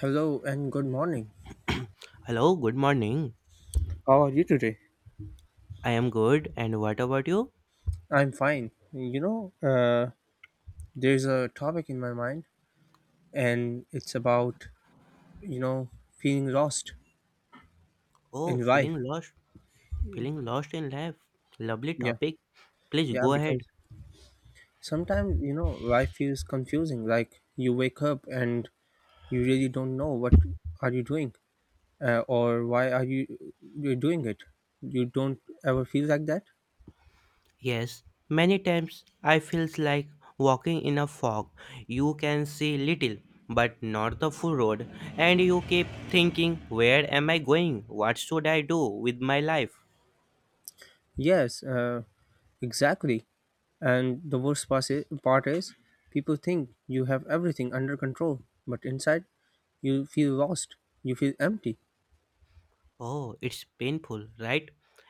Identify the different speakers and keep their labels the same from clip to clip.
Speaker 1: Hello and good morning.
Speaker 2: Hello, good morning.
Speaker 1: How are you today?
Speaker 2: I am good, and what about you?
Speaker 1: I'm fine. There's a topic in my mind, and it's about, you know, feeling lost
Speaker 2: Oh,
Speaker 1: in life.
Speaker 2: feeling lost in life. Lovely
Speaker 1: Yeah,
Speaker 2: topic. Please
Speaker 1: yeah,
Speaker 2: go ahead.
Speaker 1: because sometimes, life feels confusing. Like you wake up and you really don't know what are you doing or why are you're doing it. You don't ever feel like that?
Speaker 2: Yes, many times I feels like walking in a fog. You can see little, but not the full road, and you keep thinking, where am I going? What should I do with my life?
Speaker 1: Yes, exactly. And the worst part is, people think you have everything under control, but inside, you feel lost. You feel empty.
Speaker 2: Oh, it's painful, right?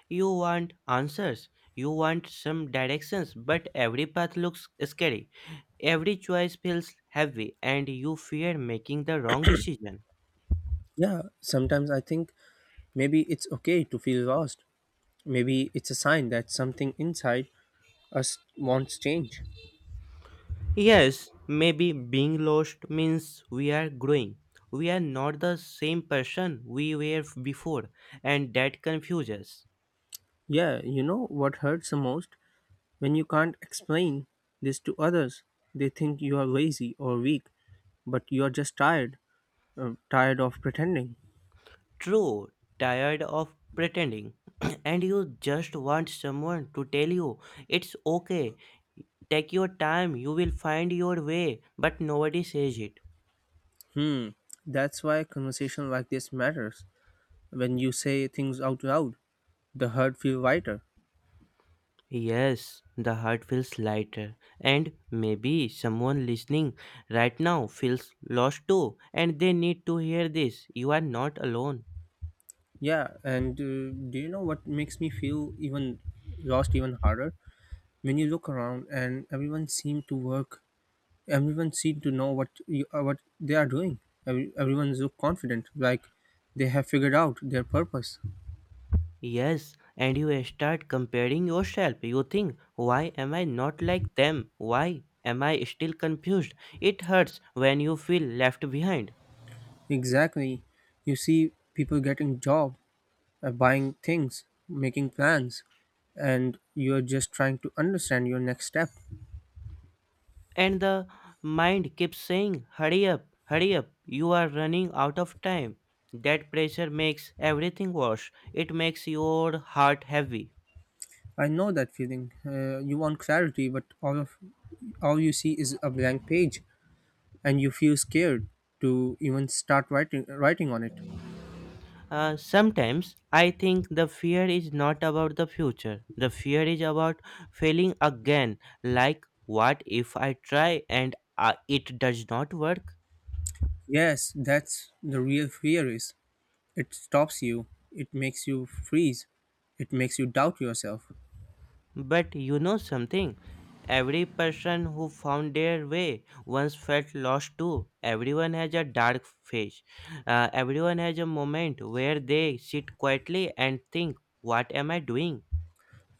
Speaker 2: You want answers, you want some directions, but every path looks scary. Every choice feels heavy, and you fear making the wrong decision.
Speaker 1: Yeah, sometimes I think maybe it's okay to feel lost. Maybe it's a sign that something inside us wants change.
Speaker 2: Yes, maybe being lost means we are growing. We are not the same person we were before, and that confuses us.
Speaker 1: Yeah, you know what hurts the most? When you can't explain this to others, they think you are lazy or weak, but you are just tired, tired of pretending.
Speaker 2: True, tired of pretending, and you just want someone to tell you it's okay. Take your time, you will find your way, but nobody says it.
Speaker 1: Hmm, that's why a conversation like this matters. When you say things out loud, the hurt feel lighter.
Speaker 2: Yes, the heart feels lighter, and maybe someone listening right now feels lost too, and they need to hear this. You are not alone.
Speaker 1: Yeah and Do you know what makes me feel even lost even harder? When you look around and everyone seem to work, everyone seem to know what what they are doing. Everyone look confident, like they have figured out their purpose.
Speaker 2: Yes, and you start comparing yourself. You think, why am I not like them? Why am I still confused? It hurts when you feel left behind.
Speaker 1: Exactly, you see people getting job, buying things, making plans, and you're just trying to understand your next step.
Speaker 2: And the mind keeps saying, hurry up, you are running out of time. That pressure makes everything worse. It makes your heart heavy.
Speaker 1: I know that feeling. You want clarity, but all you see is a blank page, and you feel scared to even start writing on it.
Speaker 2: Sometimes I think the fear is not about the future. The fear is about failing again. Like, what if I try and it does not work?
Speaker 1: Yes, that's the real fear is. It stops you. It makes you freeze. It makes you doubt yourself.
Speaker 2: But you know something? Every person who found their way once felt lost too. Everyone has a dark phase. Everyone has a moment where they sit quietly and think, what am I doing?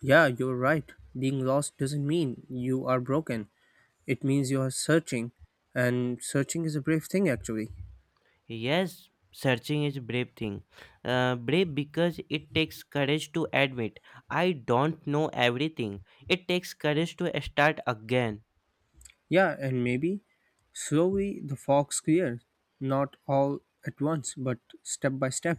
Speaker 1: Yeah, you're right. Being lost doesn't mean you are broken. It means you are searching, and searching is a brave thing actually.
Speaker 2: Yes, searching is brave thing. Brave because it takes courage to admit I don't know everything. It takes courage to start again.
Speaker 1: Yeah, and maybe slowly the fox clears, not all at once, but step by step.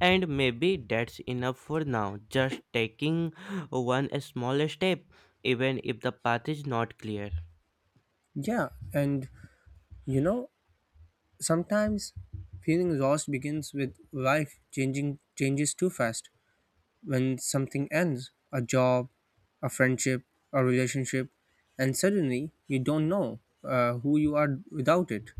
Speaker 2: And maybe that's enough for now. Just taking one small step, even if the path is not clear.
Speaker 1: Yeah, and you know, sometimes feeling lost begins with life changing changes too fast. When something ends, a job, a friendship, a relationship, and suddenly you don't know who you are without it.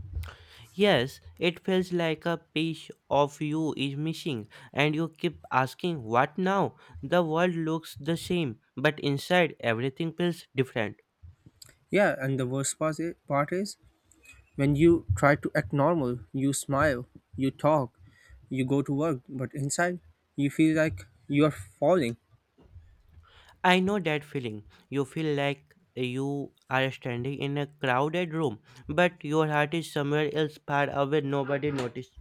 Speaker 2: Yes, it feels like a piece of you is missing, and you keep asking, what now? The world looks the same, but inside everything feels different.
Speaker 1: Yeah, and the worst part is, when you try to act normal, you smile, you talk, you go to work, but inside you feel like you are falling.
Speaker 2: I know that feeling. You feel like you are standing in a crowded room, but your heart is somewhere else far away, nobody noticed.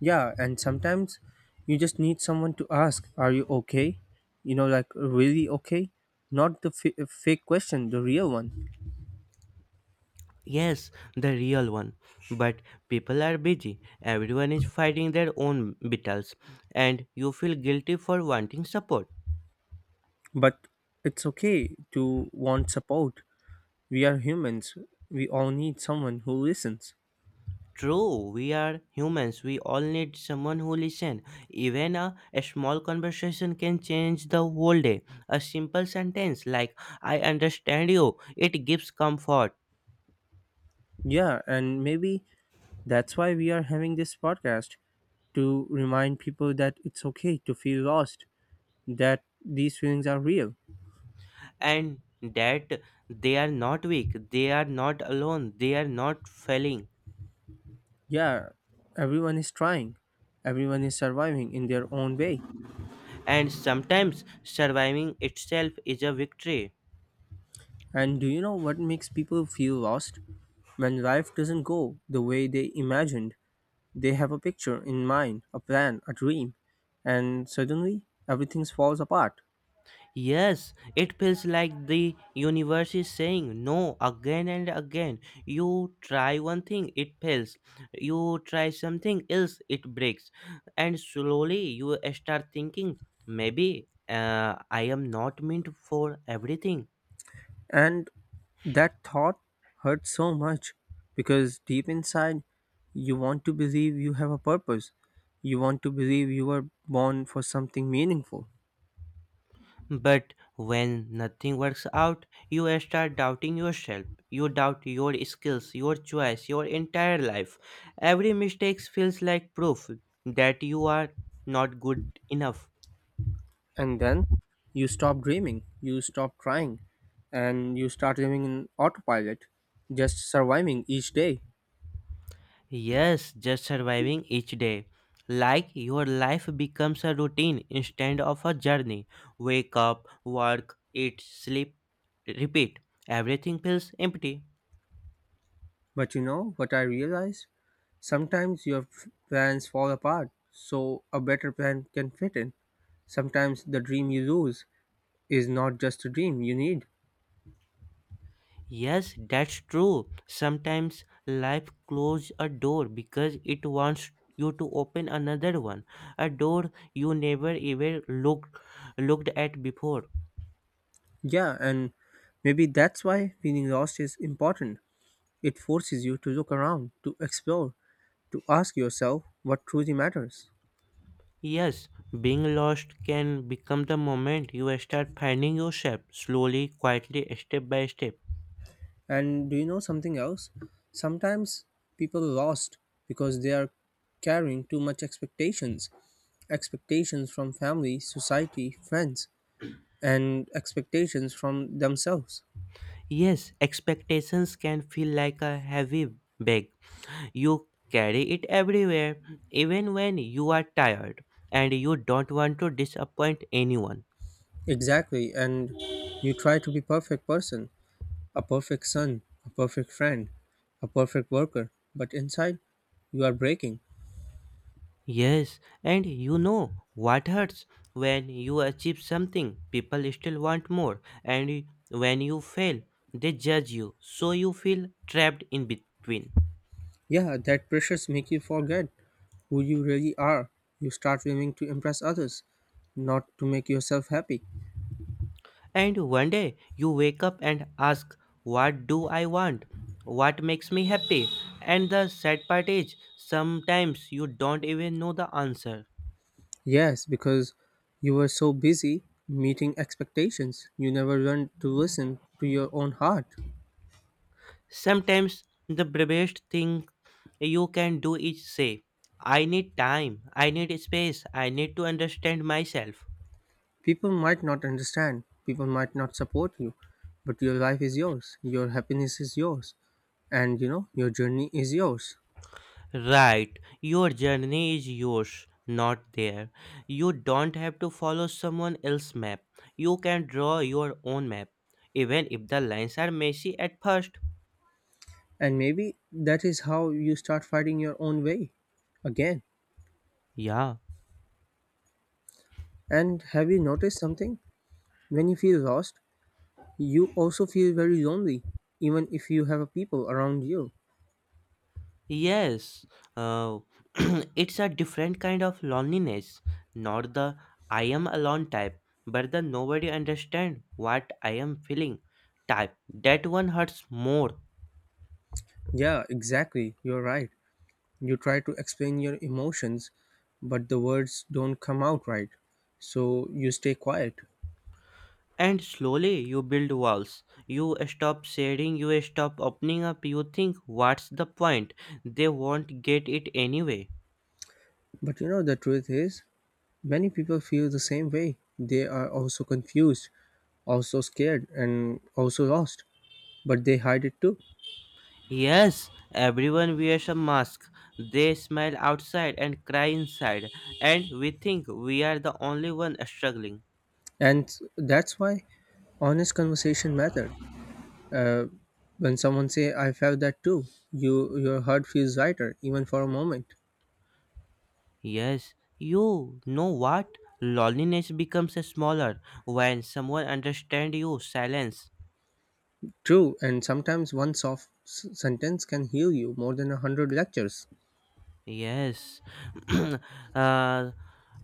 Speaker 1: Yeah, and sometimes you just need someone to ask, are you okay? You know, like really okay? Not the fake question, the real one.
Speaker 2: Yes, the real one. But people are busy. Everyone is fighting their own battles, and you feel guilty for wanting support.
Speaker 1: But it's okay to want support. We are humans, we all need someone who listens.
Speaker 2: True, we are humans. We all need someone who listen. Even a small conversation can change the whole day. A simple sentence like "I understand you," it gives comfort.
Speaker 1: Yeah, and maybe that's why we are having this podcast, to remind people that it's okay to feel lost, that these feelings are real.
Speaker 2: And that they are not weak, they are not alone, they are not failing,
Speaker 1: Yeah, everyone is trying, everyone is surviving in their own way.
Speaker 2: and sometimes surviving itself is a victory.
Speaker 1: And do you know what makes people feel lost? When life doesn't go the way they imagined, they have a picture in mind, a plan, a dream, and suddenly everything falls apart.
Speaker 2: Yes, it feels like the universe is saying no again and again. You try one thing, it fails. You try something else, it breaks. And slowly you start thinking, maybe I am not meant for everything.
Speaker 1: And that thought hurts so much because deep inside, you want to believe you have a purpose. You want to believe you were born for something meaningful.
Speaker 2: But when nothing works out, you start doubting yourself. You doubt your skills, your choice, your entire life. Every mistake feels like proof that you are not good enough.
Speaker 1: And then you stop dreaming, you stop trying, and you start living in autopilot, just surviving each day.
Speaker 2: Yes, just surviving each day. Like your life becomes a routine instead of a journey. Wake up, work, eat, sleep, repeat. Everything feels empty.
Speaker 1: But you know what I realized? Sometimes your plans fall apart, so a better plan can fit in. Sometimes the dream you lose is not just a dream you need.
Speaker 2: Yes, that's true. Sometimes life closes a door because it wants you to open another one, a door you never even looked at before.
Speaker 1: Yeah, and maybe that's why feeling lost is important. It forces you to look around, to explore, to ask yourself what truly matters.
Speaker 2: Yes, being lost can become the moment you start finding yourself slowly, quietly, step by step.
Speaker 1: And do you know something else? Sometimes people are lost because they are carrying too much expectations. Expectations from family, society, friends, and expectations from themselves.
Speaker 2: Yes, expectations can feel like a heavy bag. You carry it everywhere, even when you are tired and you don't want to disappoint anyone.
Speaker 1: Exactly, and you try to be perfect person. A perfect son, a perfect friend, a perfect worker, but inside you are breaking.
Speaker 2: Yes, and you know what hurts: when you achieve something, people still want more, and when you fail, they judge you, so you feel trapped in between.
Speaker 1: Yeah, that pressures make you forget who you really are. You start aiming to impress others, not to make yourself happy.
Speaker 2: And one day you wake up and ask, what do I want? What makes me happy? And the sad part is, sometimes you don't even know the answer.
Speaker 1: Yes, because you were so busy meeting expectations, you never learned to listen to your own heart.
Speaker 2: Sometimes the bravest thing you can do is say, I need time, I need space, I need to understand myself.
Speaker 1: People might not understand, people might not support you, but your life is yours, your happiness is yours, and you know, your journey is yours.
Speaker 2: Right, your journey is yours, not there. You don't have to follow someone else's map. You can draw your own map, even if the lines are messy at first.
Speaker 1: And maybe that is how you start fighting your own way again.
Speaker 2: Yeah.
Speaker 1: And have you noticed something? When you feel lost, you also feel very lonely, even if you have people around you.
Speaker 2: Yes, uh, it's a different kind of loneliness, not the I am alone type, but the nobody understand what I am feeling type. That one hurts more.
Speaker 1: Yeah, exactly. You're right. You try to explain your emotions, but the words don't come out right. So you stay quiet.
Speaker 2: And slowly you build walls. You stop sharing, you stop opening up, you think, what's the point? They won't get it anyway.
Speaker 1: But you know, the truth is, many people feel the same way. They are also confused, also scared, and also lost. But they hide it too.
Speaker 2: Yes, everyone wears a mask. They smile outside and cry inside, and we think we are the only one struggling.
Speaker 1: And that's why honest conversation mattered. uh, when someone say I felt that too, your heart feels lighter even for a moment.
Speaker 2: Yes, you know what? Loneliness becomes smaller when someone understands you. Silence.
Speaker 1: True, and sometimes one soft sentence can heal you more than a hundred lectures.
Speaker 2: Yes. uh,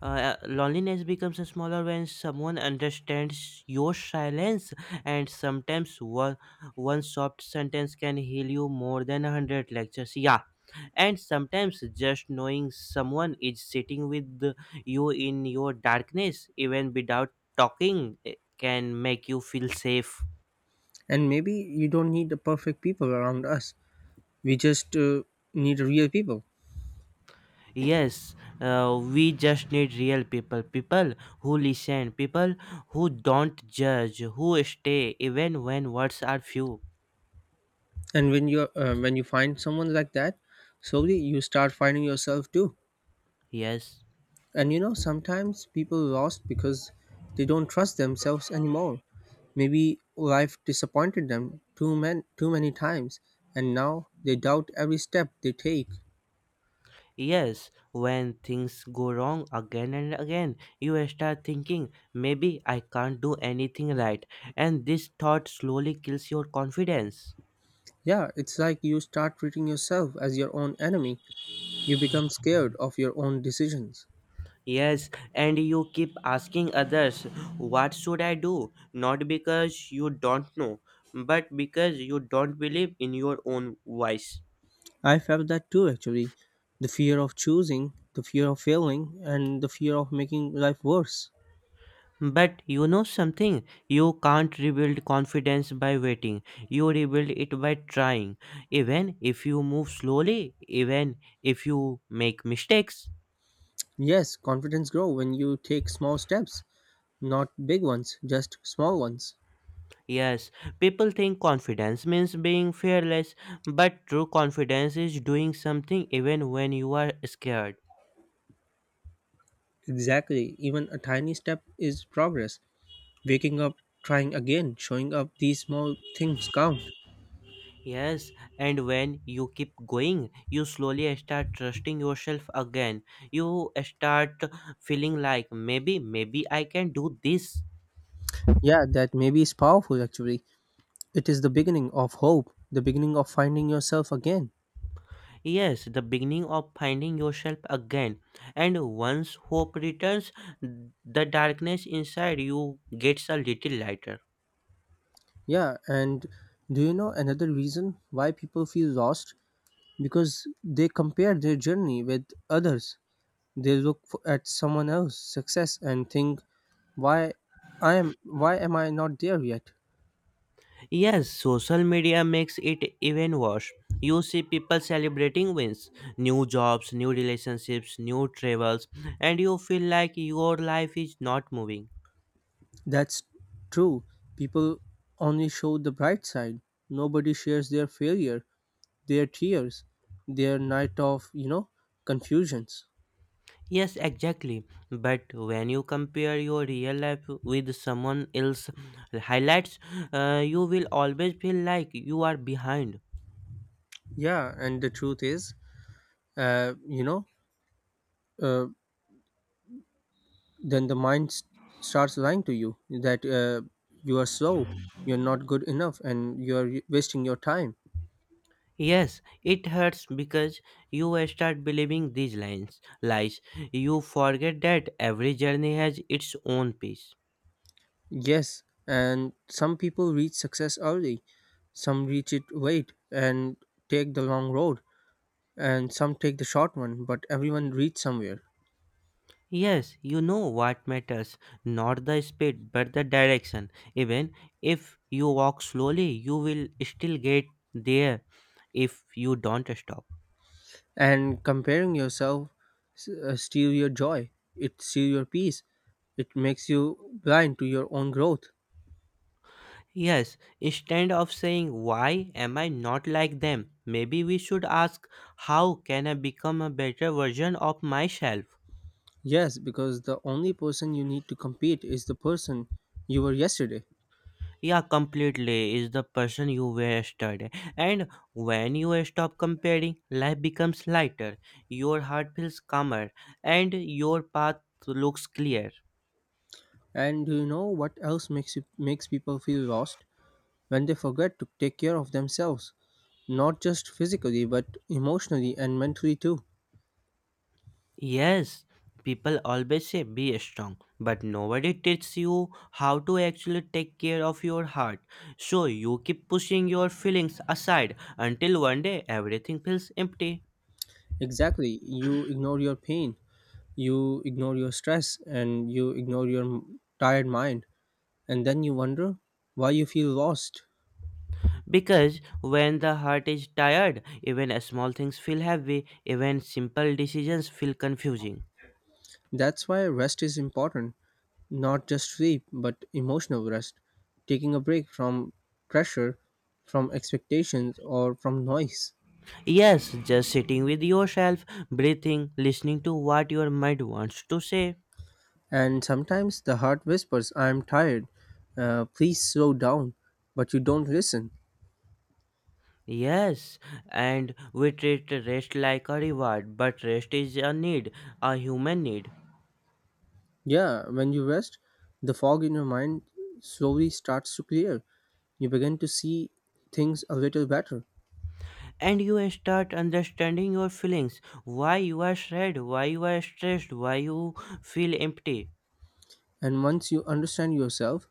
Speaker 2: Loneliness becomes smaller when someone understands your silence, and sometimes one soft sentence can heal you more than a hundred lectures. Yeah, and sometimes just knowing someone is sitting with you in your darkness even without talking can make you feel safe.
Speaker 1: And maybe you don't need the perfect people around us, we just need real people.
Speaker 2: Yes, uh, we just need real people, people who listen, people who don't judge, who stay even when words are few.
Speaker 1: And when you find someone like that, slowly you start finding yourself too.
Speaker 2: Yes.
Speaker 1: And you know, sometimes people lost because they don't trust themselves anymore. Maybe life disappointed them too too many times, and now they doubt every step they take.
Speaker 2: Yes, when things go wrong again and again, you start thinking maybe I can't do anything right, and this thought slowly kills your confidence.
Speaker 1: Yeah, it's like you start treating yourself as your own enemy. You become scared of your own decisions.
Speaker 2: Yes, and you keep asking others, what should I do? Not because you don't know, but because you don't believe in your own voice.
Speaker 1: I felt that too actually. The fear of choosing, the fear of failing, and the fear of making life worse.
Speaker 2: But you know something? You can't rebuild confidence by waiting. You rebuild it by trying. Even if you move slowly, even if you make mistakes.
Speaker 1: Yes, confidence grow when you take small steps, not big ones, just small ones.
Speaker 2: Yes, people think confidence means being fearless, but true confidence is doing something even when you are scared.
Speaker 1: Exactly. Even a tiny step is progress. Waking up, trying again, showing up, these small things count.
Speaker 2: Yes, and when you keep going, you slowly start trusting yourself again. You start feeling like maybe I can do this.
Speaker 1: Yeah, that maybe is powerful actually. It is the beginning of hope, the beginning of finding yourself again.
Speaker 2: Yes, the beginning of finding yourself again. And once hope returns, the darkness inside you gets a little lighter.
Speaker 1: Yeah, and do you know another reason why people feel lost? Because they compare their journey with others. They look f at someone else's success and think, why why am I not there yet?
Speaker 2: Yes, social media makes it even worse. You see people celebrating wins, new jobs, new relationships, new travels, and you feel like your life is not moving.
Speaker 1: That's true. People only show the bright side. Nobody shares their failure, their tears, their night of, you know, confusions.
Speaker 2: Yes, exactly. But when you compare your real life with someone else's highlights, you will always feel like you are behind.
Speaker 1: Yeah, and the truth is, uh, you know, uh, then the mind starts lying to you that you are slow, you're not good enough, and you're wasting your time.
Speaker 2: Yes, it hurts because you start believing these lines, lies. You forget that every journey has its own pace.
Speaker 1: Yes, and some people reach success early, some reach it late and take the long road, and some take the short one, but everyone reaches somewhere.
Speaker 2: Yes, you know what matters, not the speed but the direction. Even if you walk slowly, you will still get there if you don't stop.
Speaker 1: And comparing yourself steal your joy, it steal your peace, it makes you blind to your own growth.
Speaker 2: Yes, instead of saying, why am I not like them? Maybe we should ask, how can I become a better version of myself?
Speaker 1: Yes, because the only person you need to compete is the person you were yesterday.
Speaker 2: Yeah, completely is the person you were yesterday. And when you stop comparing, life becomes lighter, your heart feels calmer, and your path looks clear.
Speaker 1: And do you know what else makes people feel lost, when they forget to take care of themselves, not just physically but emotionally and mentally too.
Speaker 2: Yes, people always say be strong, but nobody teaches you how to actually take care of your heart. So you keep pushing your feelings aside until one day everything feels empty.
Speaker 1: Exactly. You ignore your pain, you ignore your stress, and you ignore your tired mind. And then you wonder why you feel lost.
Speaker 2: Because when the heart is tired, even small things feel heavy, even simple decisions feel confusing.
Speaker 1: That's why rest is important. Not just sleep, but emotional rest. Taking a break from pressure, from expectations, or from noise.
Speaker 2: Yes, just sitting with yourself, breathing, listening to what your mind wants to say.
Speaker 1: And sometimes the heart whispers, I'm tired. Please slow down. But you don't listen.
Speaker 2: Yes, and we treat rest like a reward, but rest is a need, a human need.
Speaker 1: Yeah, when you rest, the fog in your mind slowly starts to clear. You begin to see things a little better.
Speaker 2: And you start understanding your feelings, why you are sad, why you are stressed, why you feel empty.
Speaker 1: And once you understand yourself,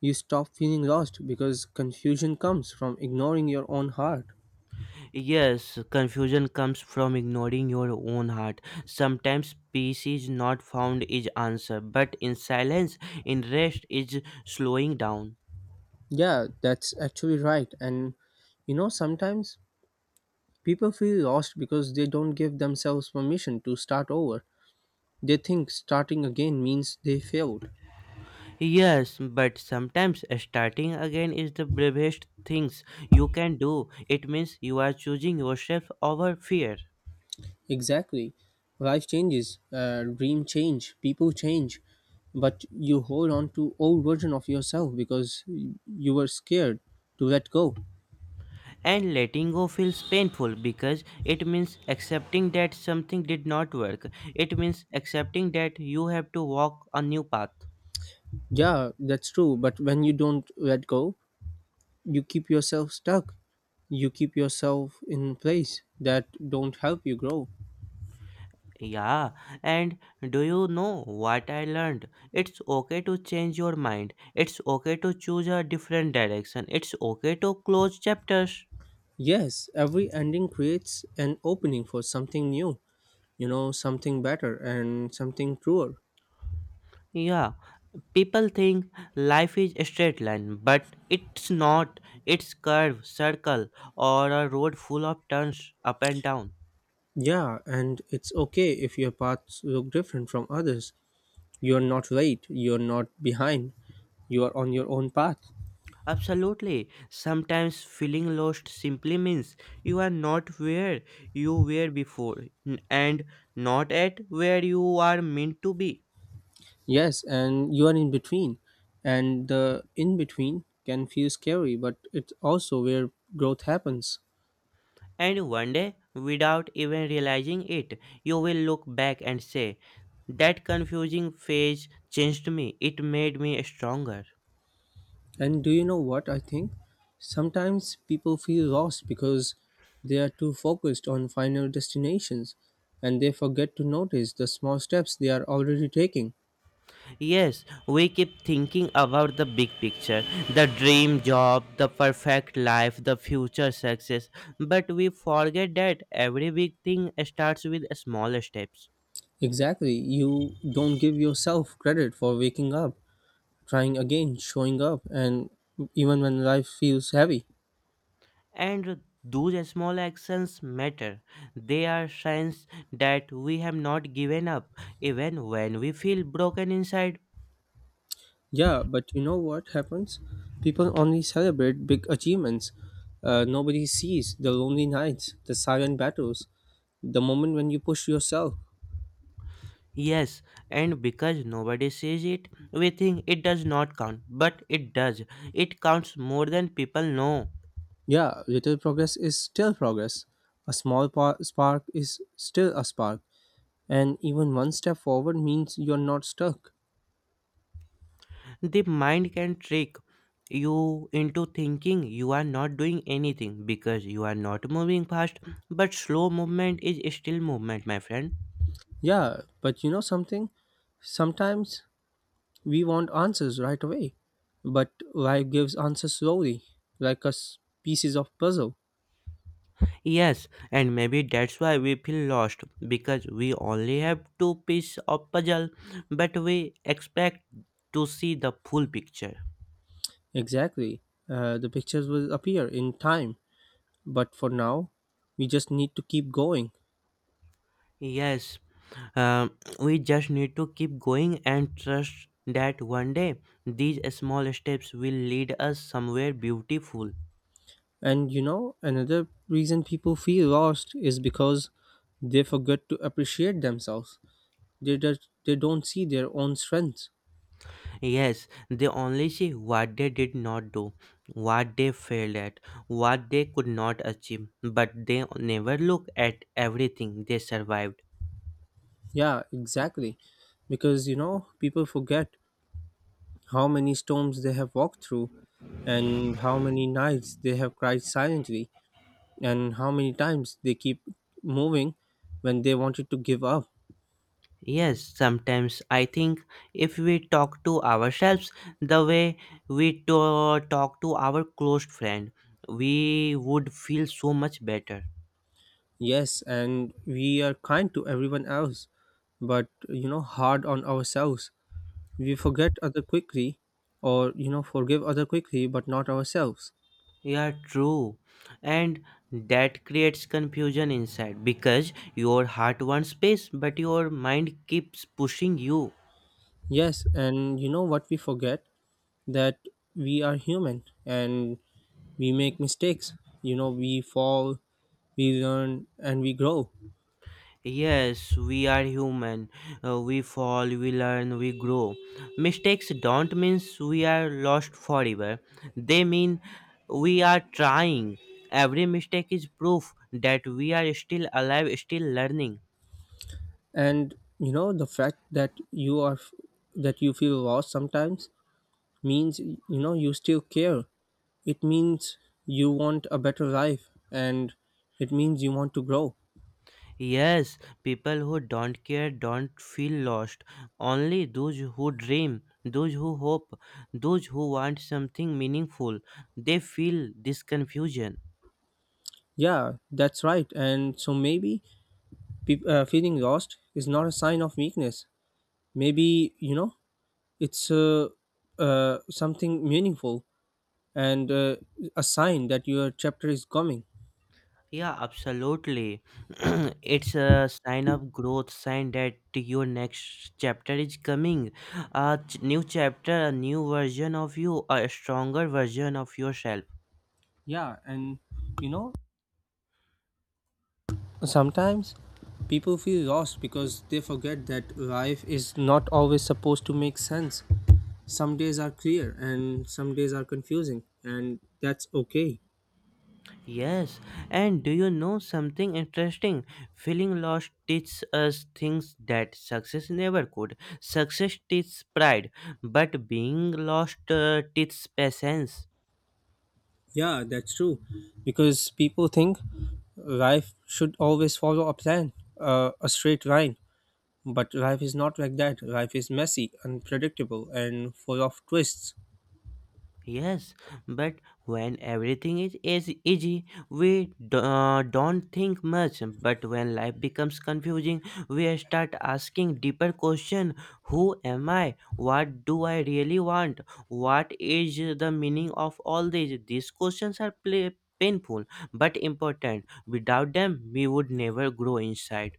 Speaker 1: you stop feeling lost because confusion comes from ignoring your own heart.
Speaker 2: Yes, confusion comes from ignoring your own heart. Sometimes peace is not found is answer, but in silence, in rest is slowing down.
Speaker 1: Yeah, that's actually right. And you know, sometimes people feel lost because they don't give themselves permission to start over. They think starting again means they failed.
Speaker 2: Yes, but sometimes starting again is the bravest things you can do. It means you are choosing yourself over fear.
Speaker 1: Exactly. Life changes, dream change, people change, but you hold on to old version of yourself because you were scared to let go.
Speaker 2: And letting go feels painful because it means accepting that something did not work. It means accepting that you have to walk a new path.
Speaker 1: Yeah, that's true. But when you don't let go, you keep yourself stuck. You keep yourself in place that don't help you grow.
Speaker 2: Yeah, and do you know what I learned? It's okay to change your mind. It's okay to choose a different direction. It's okay to close chapters.
Speaker 1: Yes, every ending creates an opening for something new, you know, something better and something truer.
Speaker 2: Yeah, people think life is a straight line, but it's not. It's curve, circle, or a road full of turns up and down.
Speaker 1: Yeah, and it's okay if your paths look different from others. You're not late, you're not behind, you are on your own path.
Speaker 2: Absolutely. Sometimes feeling lost simply means you are not where you were before and not at where you are meant to be.
Speaker 1: Yes, and you are in between. And the in between can feel scary, but it's also where growth happens.
Speaker 2: And one day, without even realizing it, you will look back and say, that confusing phase changed me. It made me stronger.
Speaker 1: And do you know what I think? Sometimes people feel lost because they are too focused on final destinations and they forget to notice the small steps they are already taking.
Speaker 2: Yes, we keep thinking about the big picture: the dream job, the perfect life, the future success. But we forget that every big thing starts with small steps.
Speaker 1: Exactly, you don't give yourself credit for waking up, trying again, showing up, and even when life feels heavy.
Speaker 2: And those small actions matter, they are signs that we have not given up even when we feel broken inside.
Speaker 1: Yeah, but you know what happens? People only celebrate big achievements. Nobody sees the lonely nights, the silent battles, the moment when you push yourself.
Speaker 2: Yes, and because nobody sees it, we think it does not count, but it does. It counts more than people know.
Speaker 1: Yeah, little progress is still progress. A small spark is still a spark. And even one step forward means you're not stuck.
Speaker 2: The mind can trick you into thinking you are not doing anything because you are not moving fast, but slow movement is still movement, my friend.
Speaker 1: Yeah, but you know something? Sometimes we want answers right away, but life gives answers slowly, like us pieces of puzzle.
Speaker 2: Yes, and maybe that's why we feel lost, because we only have two pieces of puzzle, but we expect to see the full picture.
Speaker 1: Exactly. The pictures will appear in time, but for now, we just need to keep going.
Speaker 2: Yes, we just need to keep going and trust that one day these small steps will lead us somewhere beautiful.
Speaker 1: And you know, another reason people feel lost is because they forget to appreciate themselves. They don't see their own strengths.
Speaker 2: Yes, they only see what they did not do, what they failed at, what they could not achieve, but they never look at everything they survived.
Speaker 1: Yeah, exactly. Because you know, people forget how many storms they have walked through, and how many nights they have cried silently, and how many times they keep moving when they wanted to give up.
Speaker 2: Yes, sometimes I think if we talk to ourselves the way talk to our close friend, we would feel so much better.
Speaker 1: Yes, and we are kind to everyone else, but you know, hard on ourselves. We forget other quickly, or you know, forgive other quickly, but not ourselves.
Speaker 2: Yeah, true. And that creates confusion inside because your heart wants space, but your mind keeps pushing you.
Speaker 1: Yes, and you know what we forget, that we are human and we make mistakes. You know, we fall, we learn, and we grow.
Speaker 2: Yes, we are human. We fall, we learn, we grow. Mistakes don't mean we are lost forever. They mean we are trying. Every mistake is proof that we are still alive, still learning.
Speaker 1: And you know the fact that you are that you feel lost sometimes means you know you still care. It means you want a better life, and it means you want to grow.
Speaker 2: Yes, people who don't care don't feel lost. Only those who dream, those who hope, those who want something meaningful, they feel this confusion.
Speaker 1: Yeah, that's right, and so maybe peop feeling lost is not a sign of weakness. Maybe you know it's something meaningful, and a sign that your chapter is coming.
Speaker 2: Yeah, absolutely. It's a sign of growth, sign that your next chapter is coming. New chapter, a new version of you, a stronger version of yourself.
Speaker 1: Yeah, and you know, sometimes people feel lost because they forget that life is not always supposed to make sense. Some days are clear and some days are confusing, and that's okay.
Speaker 2: Yes, and do you know something interesting? Feeling lost teaches us things that success never could. Success teaches pride, but being lost teaches patience.
Speaker 1: Yeah, that's true. Because people think life should always follow a plan, a straight line. But life is not like that. Life is messy, unpredictable, and full of twists.
Speaker 2: Yes, but when everything is as easy, don't think much. But when life becomes confusing, we start asking deeper question: who am I? What do I really want? What is the meaning of all this? These questions are pla painful but important. Without them, we would never grow inside.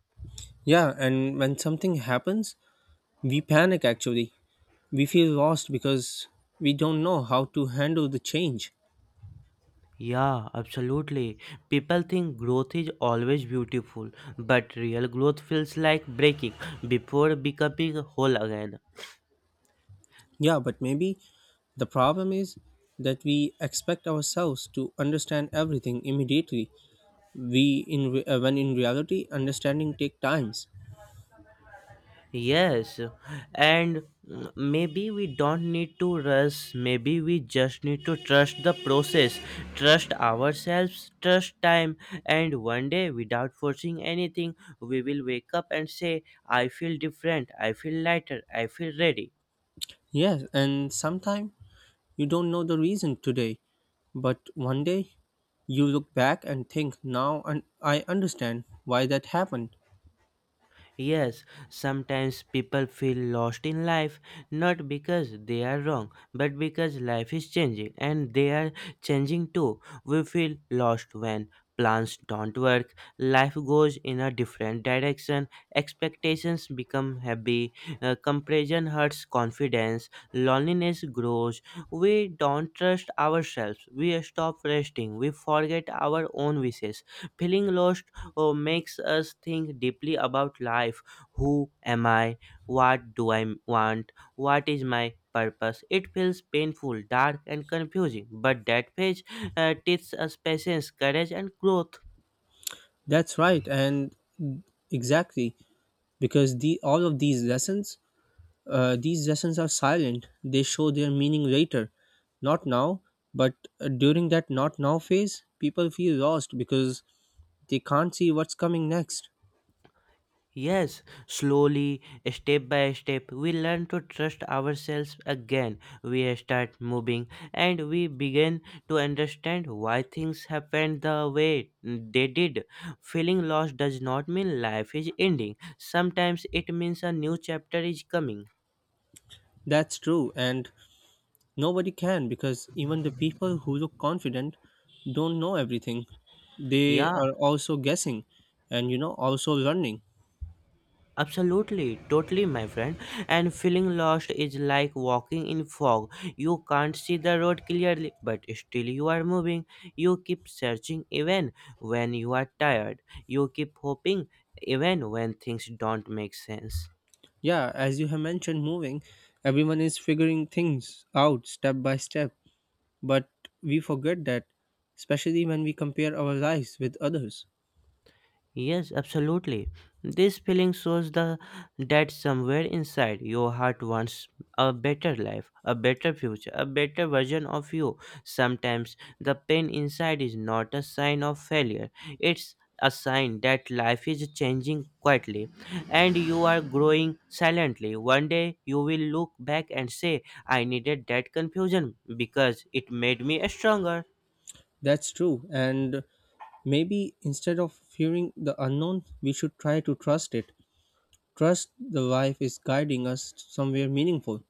Speaker 1: Yeah, and when something happens, we panic actually. We feel lost because we don't know how to handle the change.
Speaker 2: Yeah, absolutely. People think growth is always beautiful, but real growth feels like breaking before becoming whole again.
Speaker 1: Yeah, but maybe the problem is that we expect ourselves to understand everything immediately. We when in reality understanding take times.
Speaker 2: Yes, and maybe we don't need to rush, maybe we just need to trust the process, trust ourselves, trust time, and one day, without forcing anything, we will wake up and say, I feel different, I feel lighter, I feel ready.
Speaker 1: Yes, and sometimes you don't know the reason today, but one day you look back and think now and I understand why that happened.
Speaker 2: Yes, sometimes people feel lost in life not because they are wrong, but because life is changing and they are changing too. We feel lost when plans don't work, life goes in a different direction, expectations become heavy, comparison hurts confidence, loneliness grows. We don't trust ourselves, we stop resting, we forget our own wishes. Feeling lost oh, makes us think deeply about life. Who am I? What do I want? What is my purpose? It feels painful, dark, and confusing, but that phase teaches us patience, courage, and growth.
Speaker 1: That's right, and exactly because the all of these lessons, these lessons are silent, they show their meaning later. Not now, but during that not now phase, people feel lost because they can't see what's coming next.
Speaker 2: Yes, slowly, step by step, we learn to trust ourselves again. We start moving and we begin to understand why things happened the way they did. Feeling lost does not mean life is ending, sometimes it means a new chapter is coming.
Speaker 1: That's true, and nobody can because even the people who look confident don't know everything. They
Speaker 2: Yeah.
Speaker 1: are also guessing and you know also learning.
Speaker 2: Absolutely, totally, my friend. And feeling lost is like walking in fog. You can't see the road clearly, but still you are moving. You keep searching even when you are tired. You keep hoping even when things don't make sense.
Speaker 1: Yeah, as you have mentioned, moving, everyone is figuring things out step by step. But we forget that, especially when we compare our lives with others.
Speaker 2: Yes, absolutely. This feeling shows the that somewhere inside your heart wants a better life, a better future, a better version of you. Sometimes the pain inside is not a sign of failure. It's a sign that life is changing quietly and you are growing silently. One day you will look back and say, I needed that confusion because it made me stronger.
Speaker 1: That's true, and maybe instead of fearing the unknown, we should try to trust it. Trust the life is guiding us somewhere meaningful.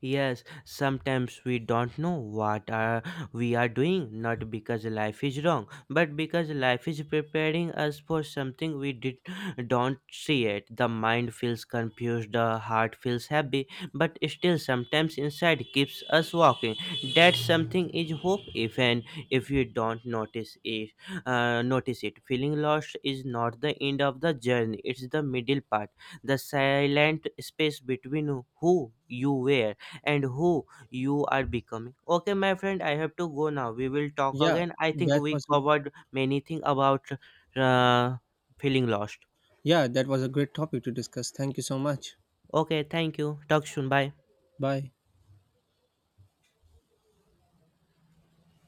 Speaker 2: Yes, sometimes we don't know what are we are doing, not because life is wrong, but because life is preparing us for something we did don't see it. The mind feels confused, the heart feels happy, but still sometimes inside keeps us walking. That something is hope, even if you don't notice it. Feeling lost is not the end of the journey; it's the middle part, the silent space between who you were and who you are becoming. Okay, my friend, I have to go now. We will talk
Speaker 1: Yeah,
Speaker 2: again. I think
Speaker 1: that
Speaker 2: we
Speaker 1: was a,
Speaker 2: covered many things about uh, feeling lost.
Speaker 1: yeah, that was a great topic to discuss. Thank you so much.
Speaker 2: Okay, thank you. Talk soon. Bye.
Speaker 1: Bye.